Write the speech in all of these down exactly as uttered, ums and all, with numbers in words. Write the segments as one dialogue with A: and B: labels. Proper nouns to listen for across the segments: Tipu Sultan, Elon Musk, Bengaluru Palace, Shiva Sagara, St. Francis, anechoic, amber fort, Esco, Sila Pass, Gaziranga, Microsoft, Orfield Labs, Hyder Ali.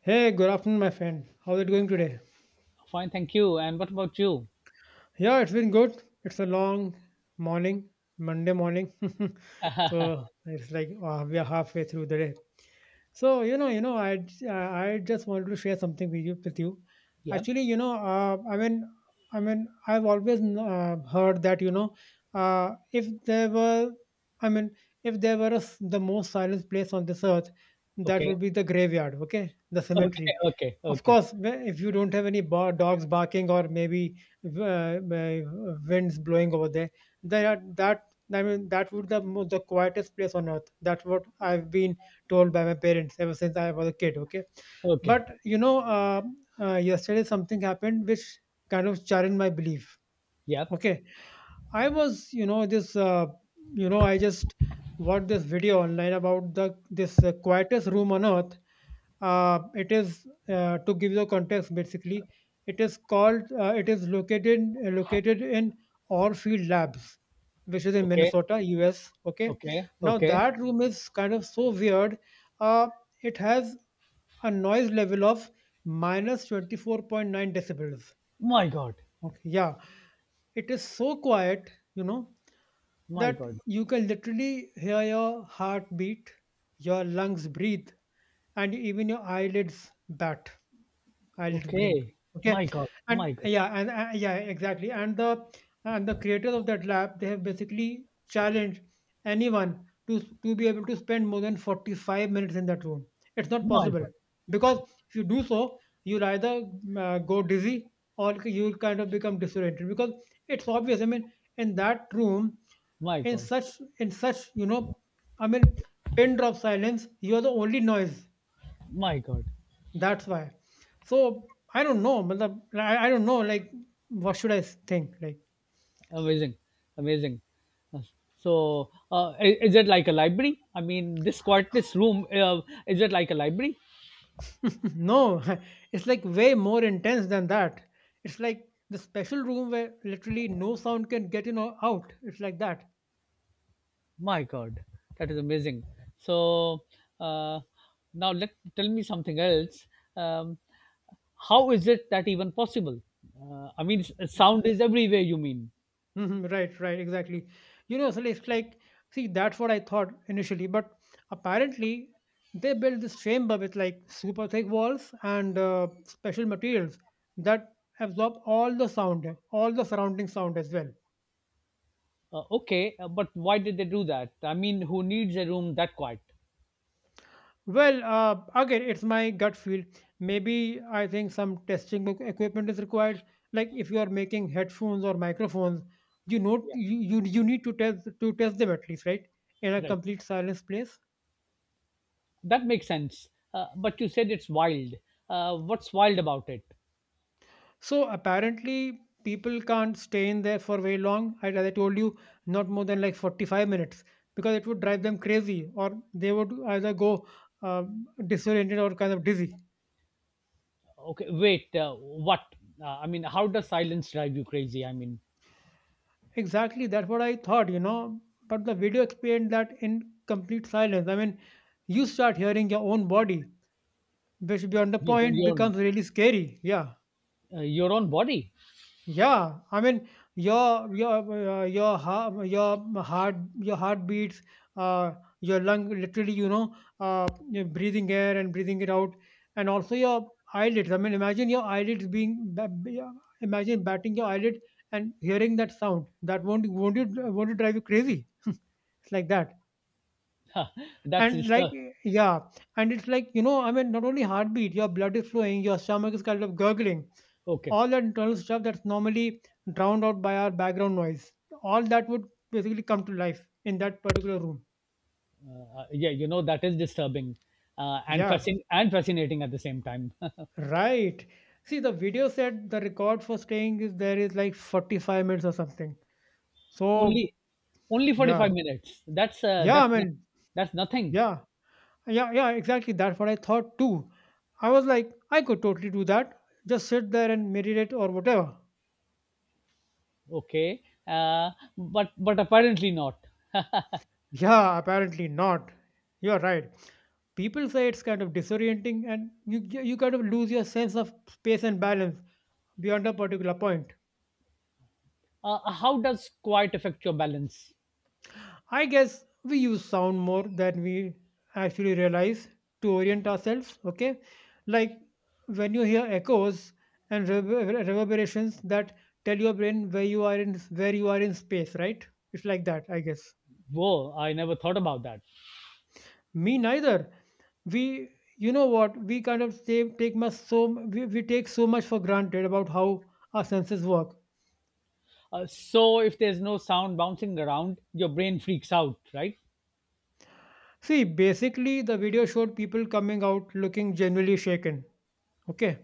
A: Hey, good afternoon, my friend. How's it going today?
B: Fine, thank you. And what about you?
A: Yeah, it's been good. It's a long morning, Monday morning. so it's like uh, We are halfway through the day. So you know, you know, I j- I I just wanted to share something with you. With you.
B: Yep.
A: Actually, you know, uh, I mean, I mean, I've always uh, heard that you know, uh, if there were, I mean, if there were a s the most silent place on this earth, that
B: Okay.
A: would be the graveyard. Okay, the
B: Okay.
A: cemetery.
B: Okay.
A: Of
B: Okay.
A: course, wh- if you don't have any bar- dogs barking or maybe uh, uh, winds blowing over there, there are that. I mean, that would the mo- the quietest place on earth. That's what I've been told by my parents ever since I was a kid. Okay,
B: Okay.
A: but you know, uh, uh, yesterday something happened which kind of challenged my belief.
B: Yep.
A: Okay, I was, you know, this, uh, you know, I just watched this video online about the this uh, quietest room on earth. Uh, it is uh, To give you the context. Basically, it is called. Uh, it is located uh, located in Orfield Labs, which is in
B: Okay.
A: Minnesota, U S. Okay,
B: Okay.
A: now
B: Okay.
A: that room is kind of so weird. Uh, it has a noise level of minus twenty four point nine decibels.
B: My God.
A: Okay, yeah, it is so quiet, you know,
B: My
A: that
B: God.
A: you can literally hear your heartbeat, your lungs breathe, and even your eyelids bat. I'll just blink.
B: Okay.
A: Okay,
B: My God.
A: and
B: My God.
A: yeah, and uh, yeah, exactly. And the and the creators of that lab, they have basically challenged anyone to to be able to spend more than forty-five minutes in that room. It's not
B: My
A: possible
B: God.
A: because if you do so, you'll either mm, uh, go dizzy or you'll kind of become disoriented because it's obvious. I mean, in that room,
B: My
A: in
B: God.
A: such in such you know, I mean, pin drop silence. You are the only noise.
B: My God.
A: That's why. So I don't know, but the I, I don't know. Like, what should I s- think? Like,
B: Amazing. Amazing. Uh, So, uh, i- is it like a library? I mean, this quiet, this room, uh, is it like a library?
A: no, it's like way more intense than that. It's like the special room where literally no sound can get in or out. It's like that.
B: My God, that is amazing. So, uh, now let tell me something else. Um, How is it that even possible? Uh, I mean, s- sound is everywhere, you mean?
A: Mhm, right, right, exactly. You know, so like, it's like See, that's what I thought initially, but apparently they built this chamber with like super thick walls and uh, special materials that absorb all the sound, all the surrounding sound as well.
B: Uh, okay, uh, but why did they do that? I mean, who needs a room that quiet?
A: Well, uh, again, it's my gut feel. Maybe I think some testing equ- equipment is required. Like if you are making headphones or microphones, you know
B: Yeah.
A: you, you you need to test to test them at least, right? In a
B: Right.
A: complete silence place.
B: That makes sense. Uh, but you said it's wild. Uh, what's wild about it?
A: So apparently, people can't stay in there for very long. I- As I told you, not more than like forty-five minutes because it would drive them crazy, or they would either go um, disoriented or kind of dizzy.
B: Okay, wait. Uh, what? Uh, I mean, how does silence drive you crazy? I mean,
A: Exactly, that's what I thought, you know. But the video explained that in complete silence. I mean, you start hearing your own body, which beyond the
B: your
A: point
B: your
A: becomes really scary. Yeah.
B: uh, your own body.
A: Yeah, I mean, your your uh, your heart your heart your heartbeats, uh, your lung, literally, you know, uh, you're breathing air and breathing it out, and also your eyelids. I mean, imagine your eyelids being ba- b- uh, Imagine batting your eyelid and hearing that sound. That won't won't it won't it drive you crazy? it's like that.
B: That's
A: And like
B: disturb.
A: yeah, and it's like you know I mean not only heartbeat, your blood is flowing, your stomach is kind of gurgling,
B: Okay.
A: all that internal stuff that's normally drowned out by our background noise, all that would basically come to life in that particular room.
B: Uh, yeah, you know that is disturbing uh, and
A: Yeah,
B: fascin- and fascinating at the same time.
A: right. See, the video said the record for staying is there is like forty-five minutes or something. So
B: Only only
A: yeah,
B: forty-five minutes. That's uh,
A: yeah i
B: that's no-
A: mean
B: that's nothing.
A: yeah yeah yeah exactly, that's what I thought too. I was like, I could totally do that, just sit there and meditate or whatever.
B: Okay. Uh, but but apparently not.
A: Yeah, apparently not. You're right, people say it's kind of disorienting and you, you kind of lose your sense of space and balance beyond a particular point.
B: Uh, how does quiet affect your balance?
A: I guess we use sound more than we actually realize to orient ourselves, okay? Like when you hear echoes and rever- reverberations that tell your brain where you are in where you are in space, right? It's like that, I guess.
B: Whoa, I never thought about that.
A: Me neither. We, you know what, we kind of take, take much so we, we take so much for granted about how our senses work.
B: Uh, so if there's no sound bouncing around, your brain freaks out, right?
A: See, basically, the video showed people coming out looking genuinely shaken. Okay.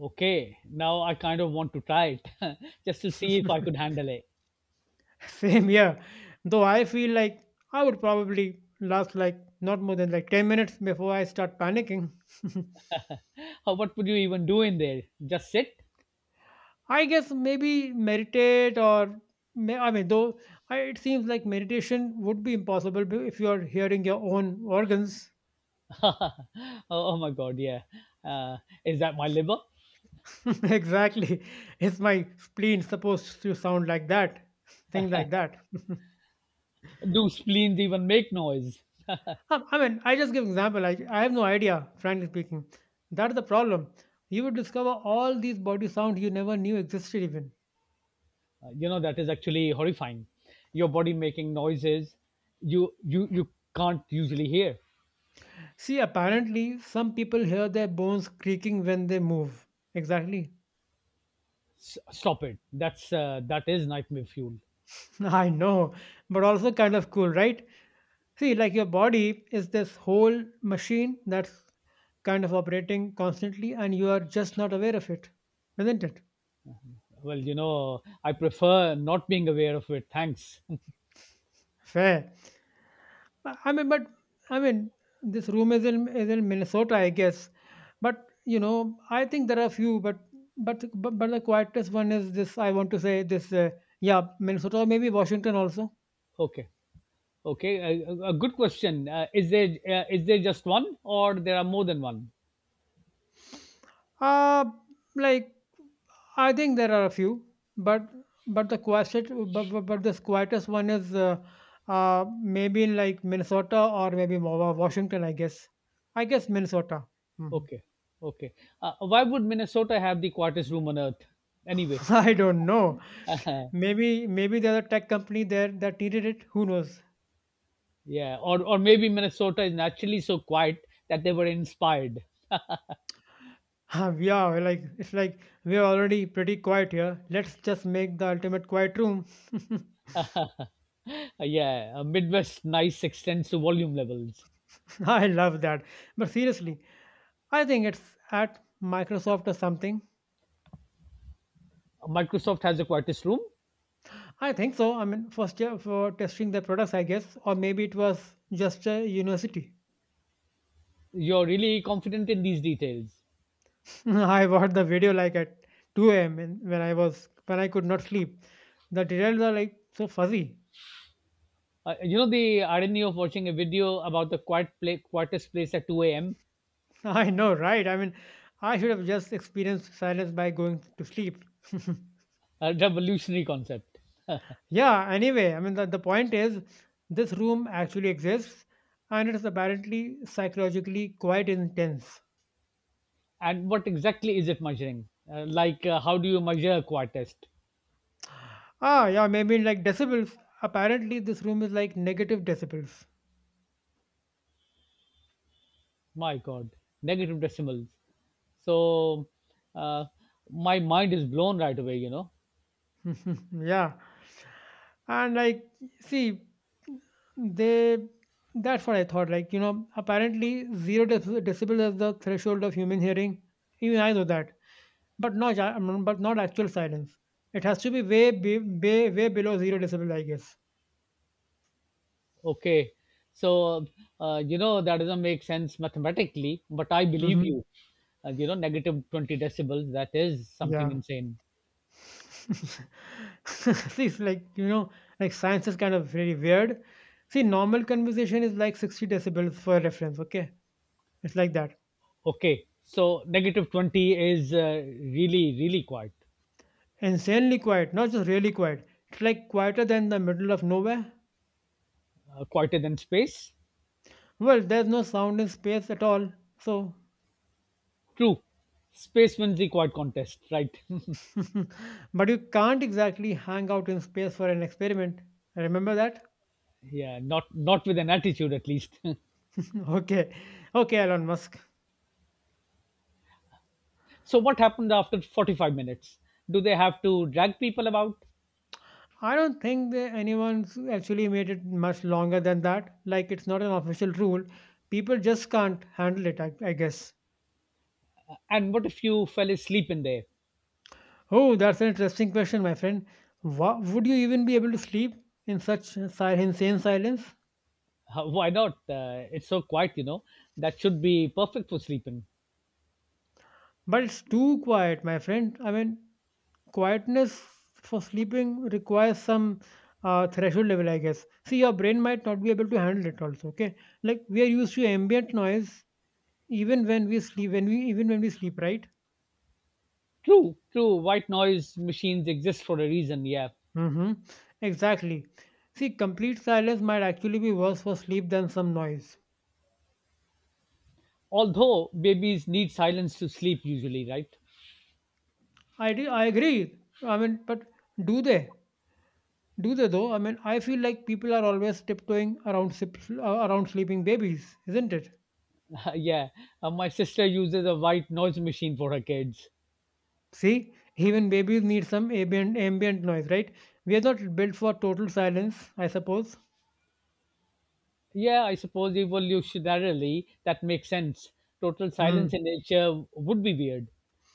B: Okay, now I kind of want to try it just to see if I could handle it.
A: Same here. Though I feel like I would probably last like not more than like ten minutes before I start panicking.
B: Uh, what would you even do in there? Just sit?
A: I guess maybe meditate or may, I mean, though I, it seems like meditation would be impossible be- if you are hearing your own organs.
B: oh, oh my god, yeah. Uh, is that my liver?
A: exactly. Is my spleen supposed to sound like that? Things like that.
B: Do spleens even make noise?
A: Um, I mean, I just give example. I, I have no idea, frankly speaking. That's the problem. You would discover all these body sounds you never knew existed even.
B: Uh, you know that is actually horrifying. Your body making noises you you you can't usually hear.
A: See, apparently, some people hear their bones creaking when they move. Exactly.
B: S- stop it. That's uh, that is nightmare fuel.
A: I know, but also kind of cool, right? See, like your body is this whole machine that's kind of operating constantly, and you are just not aware of it, isn't it?
B: Well, you know, I prefer not being aware of it. Thanks.
A: Fair. I I mean, but I mean, this room is in is in Minnesota, I guess. But you know, I think there are a few, but but but, but the quietest one is this. I want to say this. Uh, yeah, Minnesota, or maybe Washington also.
B: okay, okay. A, a a good question. Uh, is there uh, is there just one, or there are more than one?
A: Uh like I think there are a few, but but the quietest, but, but, but this quietest one is uh, uh maybe in like Minnesota or maybe Wa- Wa- Washington, I guess. I guess Minnesota. Mhm.
B: Okay, okay. Uh, why would Minnesota have the quietest room on earth? Anyway,
A: I don't know. Maybe maybe the other tech company there that needed it. Who knows?
B: yeah, or or maybe Minnesota is naturally so quiet that they were inspired.
A: yeah, we're like it's like we're already pretty quiet here. Let's just make the ultimate quiet room.
B: Uh, yeah, uh, Midwest nice extends to volume levels.
A: I love that. But seriously, I think it's at Microsoft or something.
B: Uh, Microsoft has a quietest room.
A: I think so. I mean, for year for testing the products, I guess, or maybe it was just a university.
B: You're really confident in these details.
A: I watched the video like at two a m in- when I was when I could not sleep. The details are like so fuzzy.
B: Uh, you know the irony of watching a video about the quiet play, quietest place at two a m.
A: I know, right? I mean, I should have just experienced silence by going to sleep.
B: A revolutionary concept.
A: yeah, anyway, I mean, the, the point is this room actually exists and it is apparently psychologically quite intense.
B: And what exactly is it measuring? Uh, like, uh, how do you measure a quietest?
A: Ah, yeah, maybe in like decibels. Apparently, this room is like negative decibels.
B: My God, negative decimals. So, uh, my mind is blown right away. You know.
A: yeah. And like, see, they, that's what I thought, like, you know, apparently zero deci- decibel is the threshold of human hearing. Even I know that. But not ja- mm, but not actual silence. It has to be way be, way way below zero decibel, I guess.
B: Okay. So, uh, you know, that doesn't make sense mathematically, but I believe
A: hmm
B: you. Uh, you know, negative twenty decibels, that is something
A: Yeah.
B: insane.
A: See, it's like, you know, like science is kind of really weird. See, normal conversation is like sixty decibels for reference. Okay, it's like that.
B: Okay. So, negative twenty is uh, really, really quiet,
A: Insanely quiet, not just really quiet. It's like quieter than the middle of nowhere.
B: uh, quieter than space.
A: Well, there's no sound in space at all. So,
B: True. Space wins the quiet contest, right?
A: but you can't exactly hang out in space for an experiment. Remember that?
B: yeah, not not with an attitude at least.
A: okay, okay, Elon Musk.
B: so, what happened after forty-five minutes? Do they have to drag people about?
A: I don't think that anyone's actually made it much longer than that. Like, it's not an official rule. People just can't handle it, I, I guess.
B: And what if you fell asleep in there?
A: Oh, that's an interesting question, my friend. Wha Would you even be able to sleep in such si- insane silence?
B: How- why not? Uh, it's so quiet, you know. That should be perfect for sleeping.
A: But it's too quiet, my friend. I mean, quietness for sleeping requires some uh, threshold level, I guess. See, your brain might not be able to handle it also, okay? Like, we are used to ambient noise even when we sleep, when we, even when we sleep, right?
B: True, true. White noise machines exist for a reason, yeah.
A: hmm Exactly. See, complete silence might actually be worse for sleep than some noise.
B: Although babies need silence to sleep usually, right?
A: I do, I agree. I mean, but do they? Do they though? I mean, I feel like people are always tiptoeing around sip, uh, around sleeping babies, isn't it?
B: yeah. Uh, my sister uses a white noise machine for her kids.
A: See, even babies need some ambient ambient noise, right? We are not built for total silence, I suppose.
B: Yeah, I suppose evolutionarily that makes sense. Total silence
A: Hmm.
B: in nature would be weird.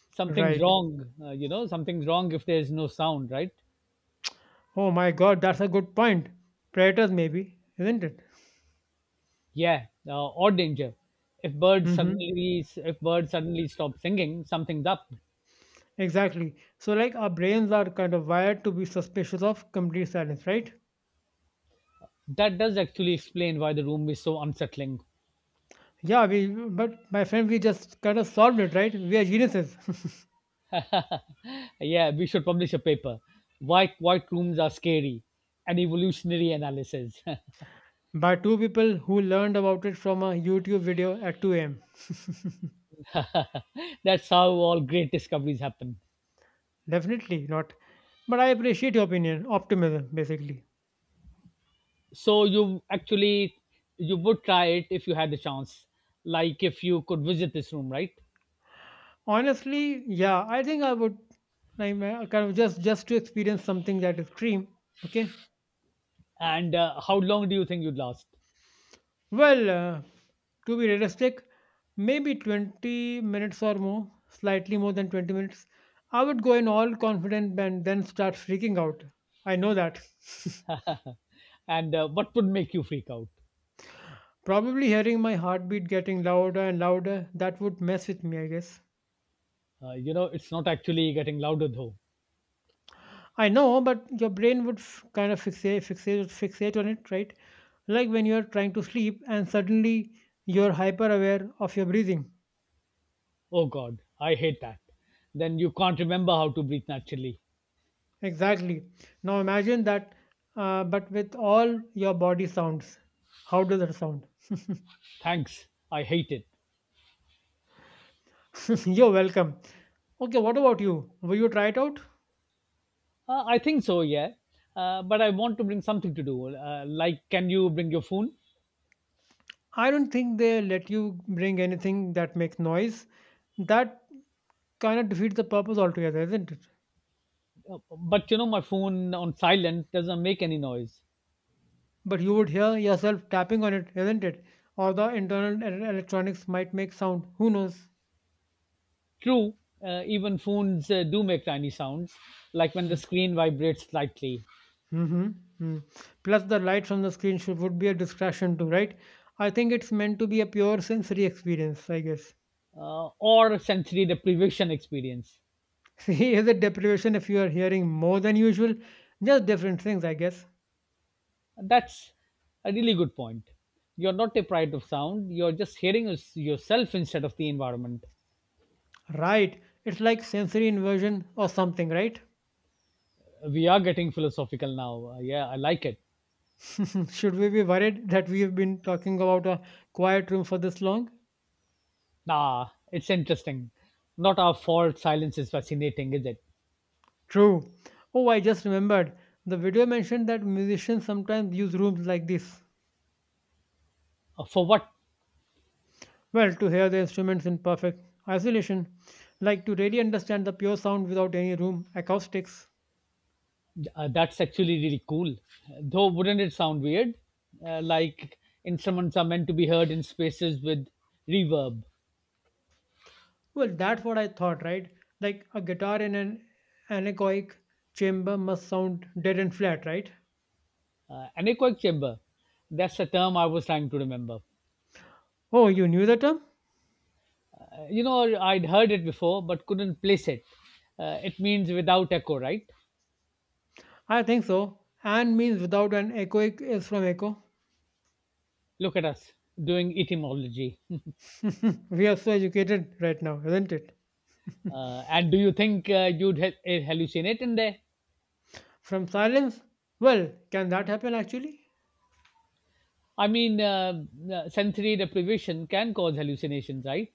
B: Something's
A: Right.
B: wrong, uh, you know, something's wrong if there's no sound, right?
A: Oh my God, that's a good point. Predators, maybe, isn't it?
B: Yeah, uh, or danger. If birds
A: Mm-hmm.
B: suddenly if birds suddenly stop singing, something's up.
A: Exactly. So like our brains are kind of wired to be suspicious of complete silence, right?
B: That does actually explain why the room is so unsettling.
A: Yeah, we, but my friend, we just kind of solved it, right? We are geniuses.
B: Yeah, we should publish a paper. Why quiet rooms are scary? An evolutionary analysis.
A: By two people who learned about it from a YouTube video at two a m.
B: That's how all great discoveries happen.
A: Definitely not. But I appreciate your opinion, optimism, basically.
B: So you actually you would try it if you had the chance. Like if you could visit this room, right?
A: Honestly, yeah, I think I would like uh, kind of just just to experience something that is extreme. Okay.
B: And uh, how long do you think you'd last?
A: Well, uh, to be realistic, maybe twenty minutes or more, slightly more than twenty minutes. I would go in all confident and then start freaking out. I know that.
B: And uh, what would make you freak out?
A: Probably hearing my heartbeat getting louder and louder, that would mess with me, I guess.
B: Uh, you know, it's not actually getting louder though.
A: I know, but your brain would f- kind of fixate, fixate, fixate on it, right? Like when you're trying to sleep and suddenly you're hyper aware of your breathing.
B: Oh God, I hate that. Then you can't remember how to breathe naturally.
A: Exactly. Now imagine that, uh, but with all your body sounds. How does that sound?
B: Thanks, I hate it.
A: You're welcome. Okay, what about you? Will you try it out?
B: Uh, I think so, yeah. Uh, but I want to bring something to do. Uh, like, can you bring your phone?
A: I don't think they let you bring anything that makes noise. That kind of defeats the purpose altogether, isn't it?
B: Uh, But you know, my phone on silent doesn't make any noise.
A: But you would hear yourself tapping on it, isn't it? Or the internal e- electronics might make sound. Who knows?
B: True, uh, even phones uh, do make tiny sounds, like when the screen vibrates slightly.
A: Mhm, mm. Plus, the light from the screen should would be a distraction too, right? I think it's meant to be a pure sensory experience, I guess.
B: Uh, or sensory deprivation experience.
A: See, is it deprivation if you are hearing more than usual? Just different things, I guess.
B: That's a really good point. You're not deprived of sound, you're just hearing us- yourself instead of the environment.
A: Right. It's like sensory inversion or something, right?
B: We are getting philosophical now. Uh, yeah, I like it.
A: Should we be worried that we have been talking about a quiet room for this long?
B: Nah, it's interesting. Not our fault, silence is fascinating, is it?
A: True. Oh, I just remembered. The video mentioned that musicians sometimes use rooms like this.
B: Uh, for what?
A: Well, to hear the instruments in perfect isolation, like to really understand the pure sound without any room acoustics.
B: Uh, that's actually really cool. Though, wouldn't it sound weird? Uh, like instruments are meant to be heard in spaces with reverb,
A: Well, that's what I thought, right? Like a guitar in an anechoic chamber must sound dead and flat, right?
B: uh, an echoic chamber. That's a term I was trying to remember.
A: Oh, you knew the term?
B: You know, I'd heard it before, but couldn't place it. Uh, it means without echo, right?
A: I think so. An means without, an echoic is from echo.
B: Look at us doing etymology.
A: We are so educated right now, isn't it?
B: Uh, and do you think uh, you'd ha- eh, hallucinate in there?
A: From silence? Well, can that happen actually?
B: I mean, uh, uh, sensory deprivation can cause hallucinations, right?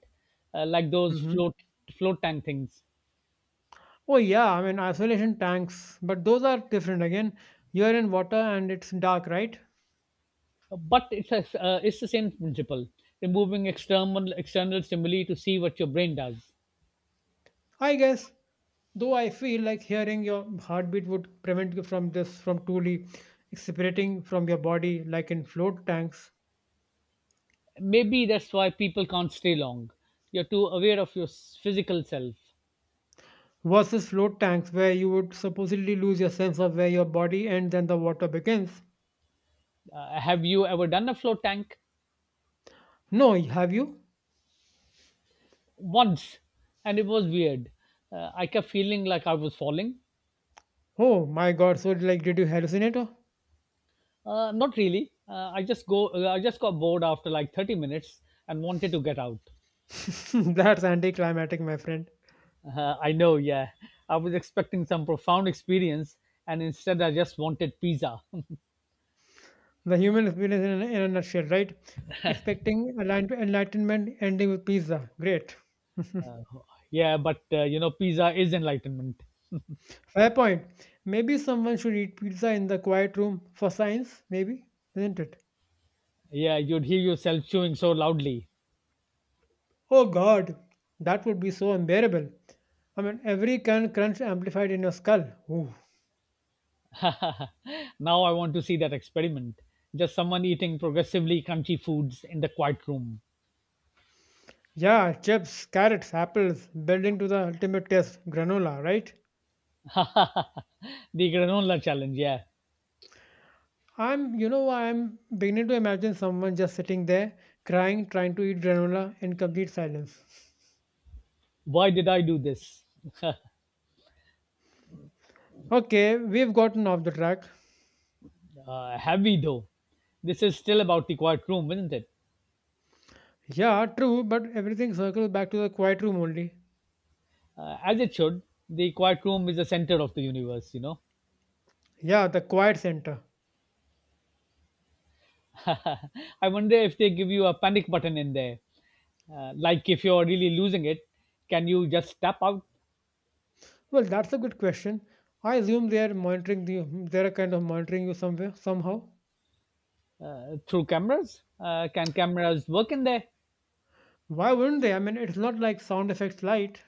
B: uh, Like those
A: Hmm.
B: float float tank things.
A: Oh yeah, I mean isolation tanks, but those are different again. You're in water and it's dark, right?
B: But it's a, uh, it's the same principle. Removing external external stimuli to see what your brain does.
A: I guess. Though I feel like hearing your heartbeat would prevent you from this from truly separating from your body like in float tanks,
B: Maybe that's why people can't stay long. You're too aware of your s- physical self.
A: versus float tanks where you would supposedly lose your sense of where your body ends and the water begins.
B: Uh, have you ever done a float tank?
A: No, have you?
B: Once, and it was weird. Uh, I kept feeling like I was falling.
A: Oh my god, so like did you hallucinate?
B: Uh, not really. Uh, I just go. Uh, I just got bored after like thirty minutes and wanted to get out.
A: That's anticlimactic, my friend.
B: Uh, I know. Yeah, I was expecting some profound experience, and instead I just wanted pizza.
A: The human experience in a, in a nutshell, right? Expecting enlight- enlightenment ending with pizza. Great.
B: yeah, but uh, you know, pizza is enlightenment.
A: Fair point. Maybe someone should eat pizza in the quiet room for science, maybe, isn't it?
B: Yeah, you'd hear yourself chewing so loudly.
A: Oh god, that would be so unbearable. I mean, every can crunch amplified in your skull. Ooh.
B: now I want to see that experiment. Just someone eating progressively crunchy foods in the quiet room.
A: Yeah, chips, carrots, apples, building to the ultimate test, granola, right?
B: The granola challenge, yeah.
A: I'm, you know, I'm beginning to imagine someone just sitting there, crying, trying to eat granola in complete silence.
B: Why did I do this? uh,
A: Okay, we've gotten off the track.
B: heavy though. This is still about the quiet room, isn't it?
A: Yeah, true, but everything circles back to the quiet room only.
B: Uh, as it should. The quiet room is the center of the universe, you know.
A: Yeah, the quiet center.
B: I wonder if they give you a panic button in there. Uh, like if you're really losing it, can you just tap out?
A: Well, that's a good question. I assume they are monitoring you. They are kind of monitoring you somewhere somehow.
B: Uh, through cameras? Uh, can cameras work in there?
A: Why wouldn't they? I mean, it's not like sound effects light.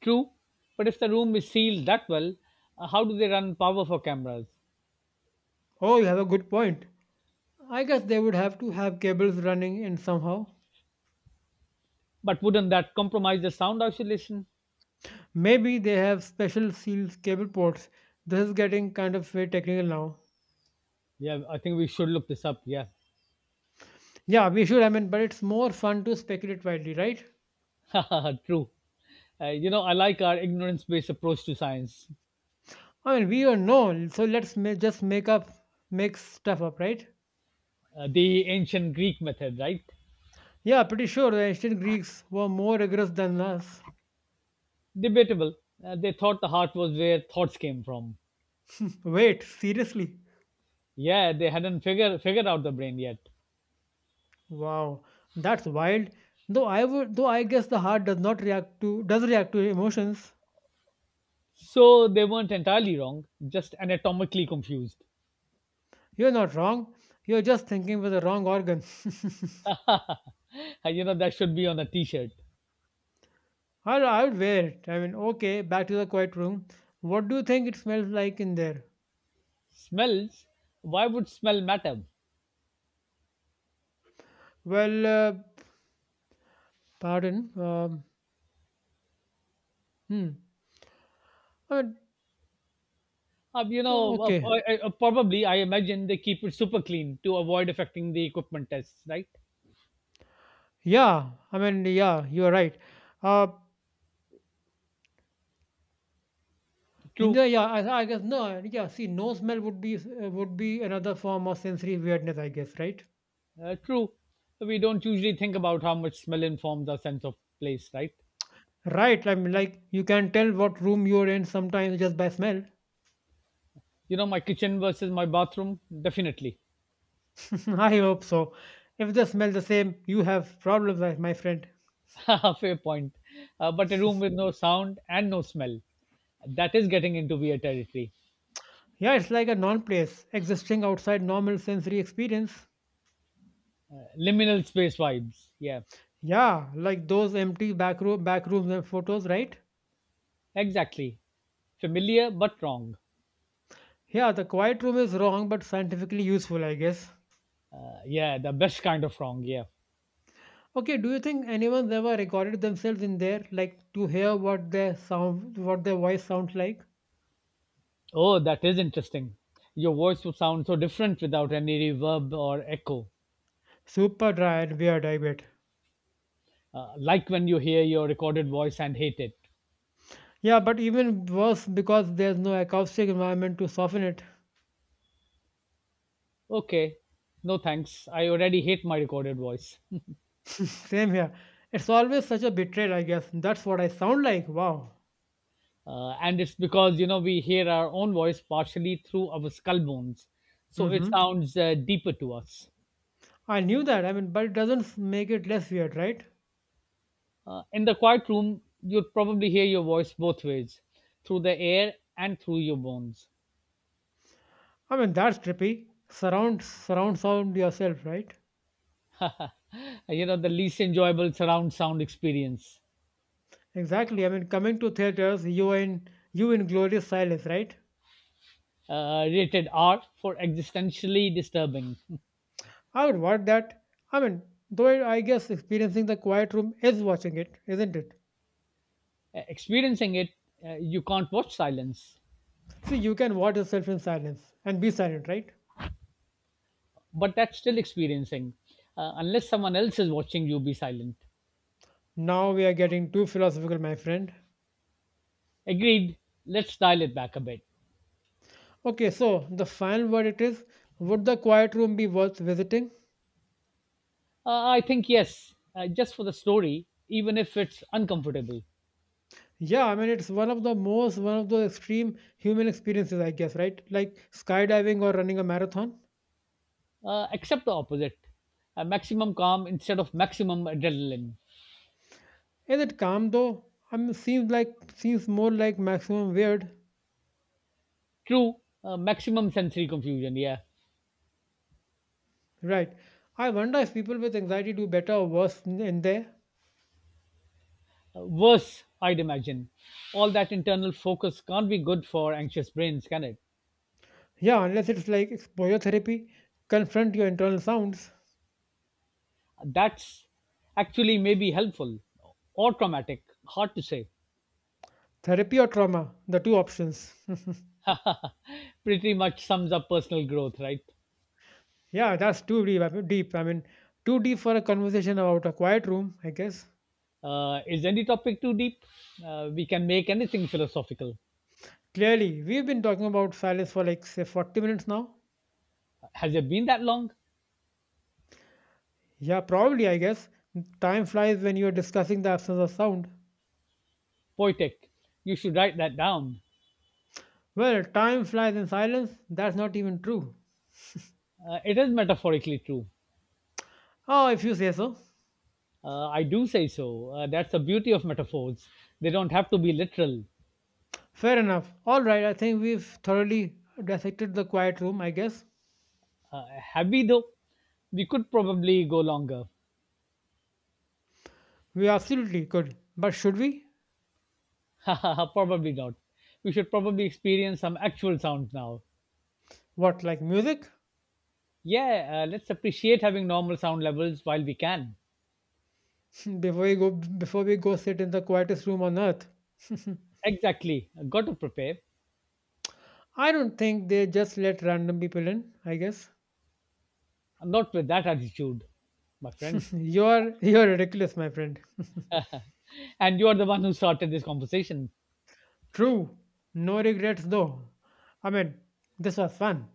B: True. But if the room is sealed that well, uh, how do they run power for cameras?
A: Oh, you have a good point. I guess they would have to have cables running in somehow.
B: But wouldn't that compromise the sound isolation?
A: Maybe they have special sealed cable ports. This is getting kind of very technical now.
B: Yeah, I think we should look this up. Yeah,
A: Yeah, we should. I mean, but it's more fun to speculate widely, right?
B: true. Uh, you know, I like our ignorance based approach to science,
A: I mean, we don't know, so let's ma- just make up, make stuff up, right?
B: uh, the ancient Greek method, right?
A: Yeah, pretty sure the ancient Greeks were more rigorous than us.
B: Debatable. Uh, they thought the heart was where thoughts came from.
A: Wait, seriously?
B: Yeah, they hadn't figure, figured out the brain yet.
A: Wow, that's wild. Though I would, though I guess the heart does not react to does react to emotions.
B: So they weren't entirely wrong, just anatomically confused.
A: You're not wrong. You're just thinking with the wrong organ.
B: Uh, you know, that should be on a t shirt.
A: I'll, I'll wear it. I mean, okay, back to the quiet room. What do you think it smells like in there?
B: Smells? Why would smell matter?
A: Well, uh, pardon. Um, hmm. I mean,
B: Uh, you know, uh,
A: okay.
B: uh, uh, probably I imagine they keep it super clean to avoid affecting the equipment tests, right?
A: Yeah, I mean, yeah, you are right. Uh, in
B: True.
A: the, yeah, I, I guess no, yeah. See, no smell would be uh, would be another form of sensory weirdness, I guess, right?
B: Uh, true. We don't usually think about how much smell informs our sense of place, right?
A: Right. I mean, like you can tell what room you're in sometimes just by smell.
B: You know, my kitchen versus my bathroom, definitely.
A: I hope so. If they smell the same, you have problems, my my friend.
B: Fair point. Uh, but a room with no sound and no smell, that is getting into weird territory.
A: Yeah, it's like a non-place existing outside normal sensory experience.
B: Uh, liminal space vibes. Yeah,
A: Yeah, like those empty back room, back rooms and photos, right?
B: exactly. Familiar but wrong.
A: Yeah, the quiet room is wrong, but scientifically useful, I guess.
B: Uh, yeah, the best kind of wrong. Yeah.
A: Okay, do you think anyone's ever recorded themselves in there, like to hear what their sound, what their voice sounds like?
B: Oh, that is interesting. Your voice would sound so different without any reverb or echo,
A: Super dry and weird, I bet.
B: uh, like when you hear your recorded voice and hate it.
A: Yeah, but even worse because there's no acoustic environment to soften it.
B: Okay. No, thanks. I already hate my recorded voice.
A: Same here. It's always such a betrayal, I guess. That's what I sound like. Wow.
B: Uh, and it's because, you know, we hear our own voice partially through our skull bones. So it
A: Mm-hmm.
B: sounds uh, deeper to us.
A: I knew that. I mean, but it doesn't make it less weird, right?
B: Uh, in the quiet room, you'd probably hear your voice both ways through the air and through your bones.
A: I mean, that's trippy. Surround, surround sound yourself, right?
B: Uh, you know, the least enjoyable surround sound experience.
A: Exactly. I mean, coming to theaters, you in you in glorious silence, right?
B: Uh, rated R for existentially disturbing.
A: I would want that. I mean, though I I guess experiencing the quiet room is watching it, isn't it?
B: Experiencing it, uh, you can't watch silence.
A: See, you can watch yourself in silence and be silent, right?
B: But that's still experiencing, uh, unless someone else is watching you be silent.
A: Now we are getting too philosophical, my friend.
B: Agreed, let's dial it back a bit.
A: Okay, so the final verdict is: would the quiet room be worth visiting?
B: uh, I think yes, uh, just for the story even if it's uncomfortable.
A: Yeah, I mean, it's one of the most, one of the extreme human experiences, I guess, right? Like skydiving or running a marathon.
B: Uh, accept the opposite. Uh, maximum calm instead of maximum adrenaline.
A: Is it calm though? I mean, seems like, seems more like maximum weird.
B: True. Uh, maximum sensory confusion, yeah.
A: Right. I wonder if people with anxiety do better or worse in, in there.
B: Uh, worse, I'd imagine. All that internal focus can't be good for anxious brains, can it?
A: Yeah, unless it's like exposure therapy, confront your internal sounds,
B: That's actually may be helpful, or traumatic. Hard to say.
A: therapy or trauma, the two options.
B: Pretty much sums up personal growth, right?
A: Yeah, that's too deep. I mean, deep. I mean, too deep for a conversation about a quiet room, I guess.
B: Uh, is any topic too deep? Uh, we can make anything philosophical.
A: Clearly, we've been talking about silence for like, say, forty minutes now.
B: Has it been that long?
A: Yeah, probably, I guess. Time flies when you're discussing the absence of sound.
B: Poetic. You should write that down.
A: Well, time flies in silence, that's not even true.
B: Uh, it is metaphorically true.
A: Oh, if you say so.
B: Uh, I do say so. Uh, that's the beauty of metaphors. They don't have to be literal.
A: Fair enough. All right, I think we've thoroughly dissected the quiet room, I guess.
B: Uh, have we, though? We could probably go longer.
A: We absolutely could. But should we?
B: probably not. We should probably experience some actual sound now.
A: What, like music?
B: Yeah, uh, let's appreciate having normal sound levels while we can.
A: Before we go Before we go sit in the quietest room on earth.
B: Exactly. Got to prepare.
A: I don't think they just let random people in, I guess.
B: Not with that attitude, my friend.
A: You're you're ridiculous, my friend.
B: And you are the one who started this conversation.
A: True. No regrets though. I mean, this was fun.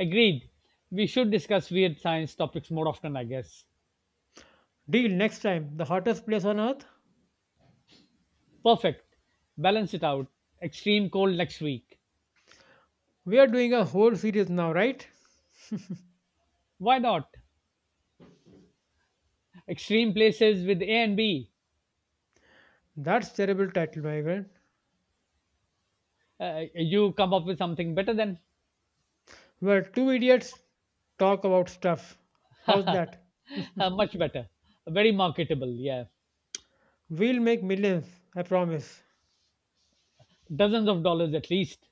B: Agreed. We should discuss weird science topics more often, I guess.
A: Deal. Next time, the hottest place on earth?
B: Perfect. Balance it out. Extreme cold next week.
A: We are doing a whole series now, right?
B: Why not? Extreme places with A and B.
A: That's terrible title, my friend.
B: Uh, you come up with something better than
A: Where two idiots talk about stuff. How's that?
B: uh, much better. Very marketable, yeah.
A: We'll make millions, I promise.
B: Dozens of dollars at least.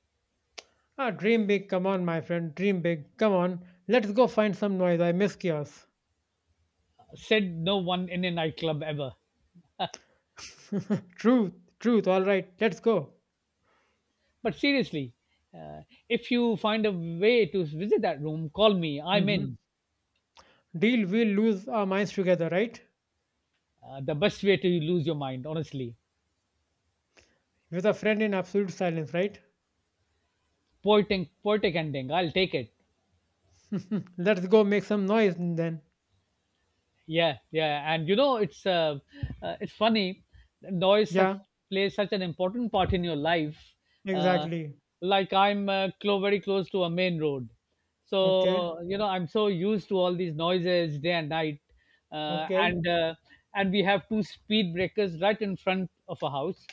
A: Ah, dream big, come on, my friend, dream big, come on. Let's go find some noise. I miss chaos.
B: Said no one in a nightclub ever.
A: Truth, truth, all right, let's go.
B: But seriously, uh, if you find a way to visit that room, call me. I'm
A: Hmm.
B: in.
A: Deal, we'll lose our minds together, right?
B: Uh, the best way to lose your mind, honestly.
A: With a friend in absolute silence, right?
B: Poetic, poetic ending. I'll take it.
A: Let's go make some noise then.
B: Yeah, yeah, and you know it's uh, uh, it's funny. Noise such,
A: Yeah,
B: plays such an important part in your life. Uh,
A: exactly.
B: like I'm uh, clo- very close to a main road,
A: Okay,
B: so you know I'm so used to all these noises day and night, uh,
A: okay,
B: and uh, and we have two speed breakers right in front of a house.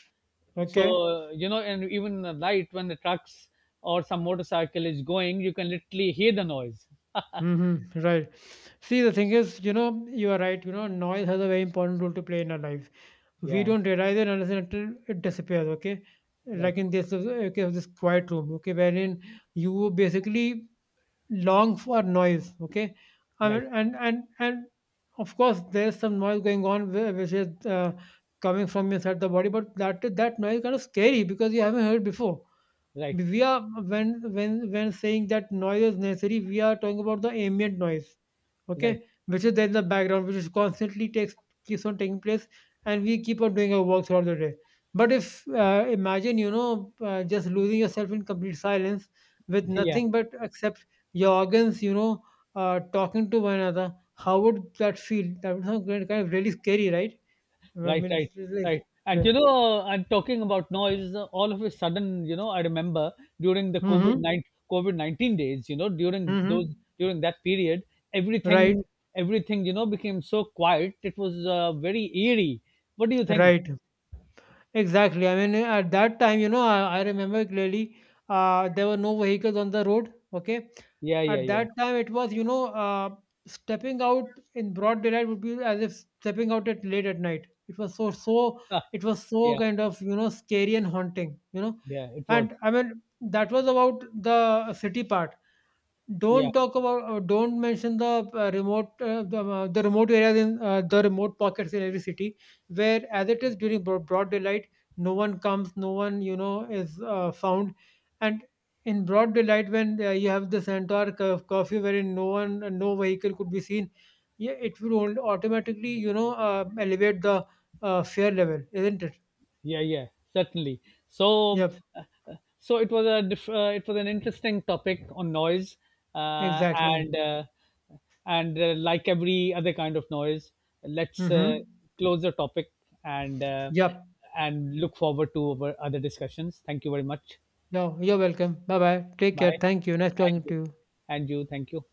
A: okay.
B: So you know, and even in the night when the trucks or some motorcycle is going, you can literally hear the noise.
A: Mm-hmm, right. See, the thing is, you know, you are right. You know, noise has a very important role to play in our lives. We
B: Yeah,
A: don't realize it unless and until it disappears. Okay,
B: right,
A: like in this uh, case of this quiet room. Okay, wherein you basically long for noise. Okay, I
B: right,
A: mean, and and and of course, there's some noise going on whi- which is uh, coming from inside the body, but that that noise is kind of scary because you haven't heard before.
B: right,
A: We are when when when saying that noise is necessary, we are talking about the ambient noise, okay,
B: right.
A: which is there in the background, which is constantly takes keeps on taking place, and we keep on doing our work throughout the day. But if uh, imagine, you know, uh, just losing yourself in complete silence, with
B: Yeah,
A: nothing but except your organs, you know, uh, talking to one another, how would that feel? That would sound kind kind of really scary, right? I
B: right,
A: mean,
B: right,
A: it's like,
B: right. And
A: right.
B: you know, and talking about noise, uh, all of a sudden, you know, I remember during the COVID
A: Mm-hmm,
B: nine COVID nineteen days, you know, during
A: mm-hmm.
B: those during that period,
A: Right,
B: everything everything you know became so quiet. It was uh, very eerie. What do you think?
A: right. Exactly. I mean, at that time, you know, I, I remember clearly uh, there were no vehicles on the road. Okay.
B: Yeah, yeah,
A: At
B: yeah,
A: that time, it was, you know, uh, stepping out in broad daylight would be as if stepping out at late at night. It was so, so, it was so
B: yeah,
A: kind of, you know, scary and haunting, you know.
B: yeah. It was.
A: And I mean, that was about the city part.
B: Yeah.
A: Don't talk about, uh, don't mention the uh, remote, uh, the, uh, the remote areas in uh, the remote pockets in every city, where as it is during bro- broad daylight, no one comes, no one, you know, is uh, found, and in broad daylight when uh, you have the entire cur- curfew wherein no one no vehicle could be seen. Yeah, it will only automatically, you know, uh, elevate the uh, fare level, isn't it?
B: Yeah, yeah, certainly. so
A: Yep,
B: uh, uh, so it was a diff- uh, it was an interesting topic on noise uh,
A: exactly.
B: and uh, and uh, like every other kind of noise, let's
A: Mm-hmm.
B: uh, close the topic and uh,
A: Yep.
B: and look forward to our other discussions. Thank you very much.
A: No, you're welcome. Bye bye, take care,
B: Bye.
A: thank you, nice talking
B: And
A: to
B: you.
A: you.
B: And you, thank you.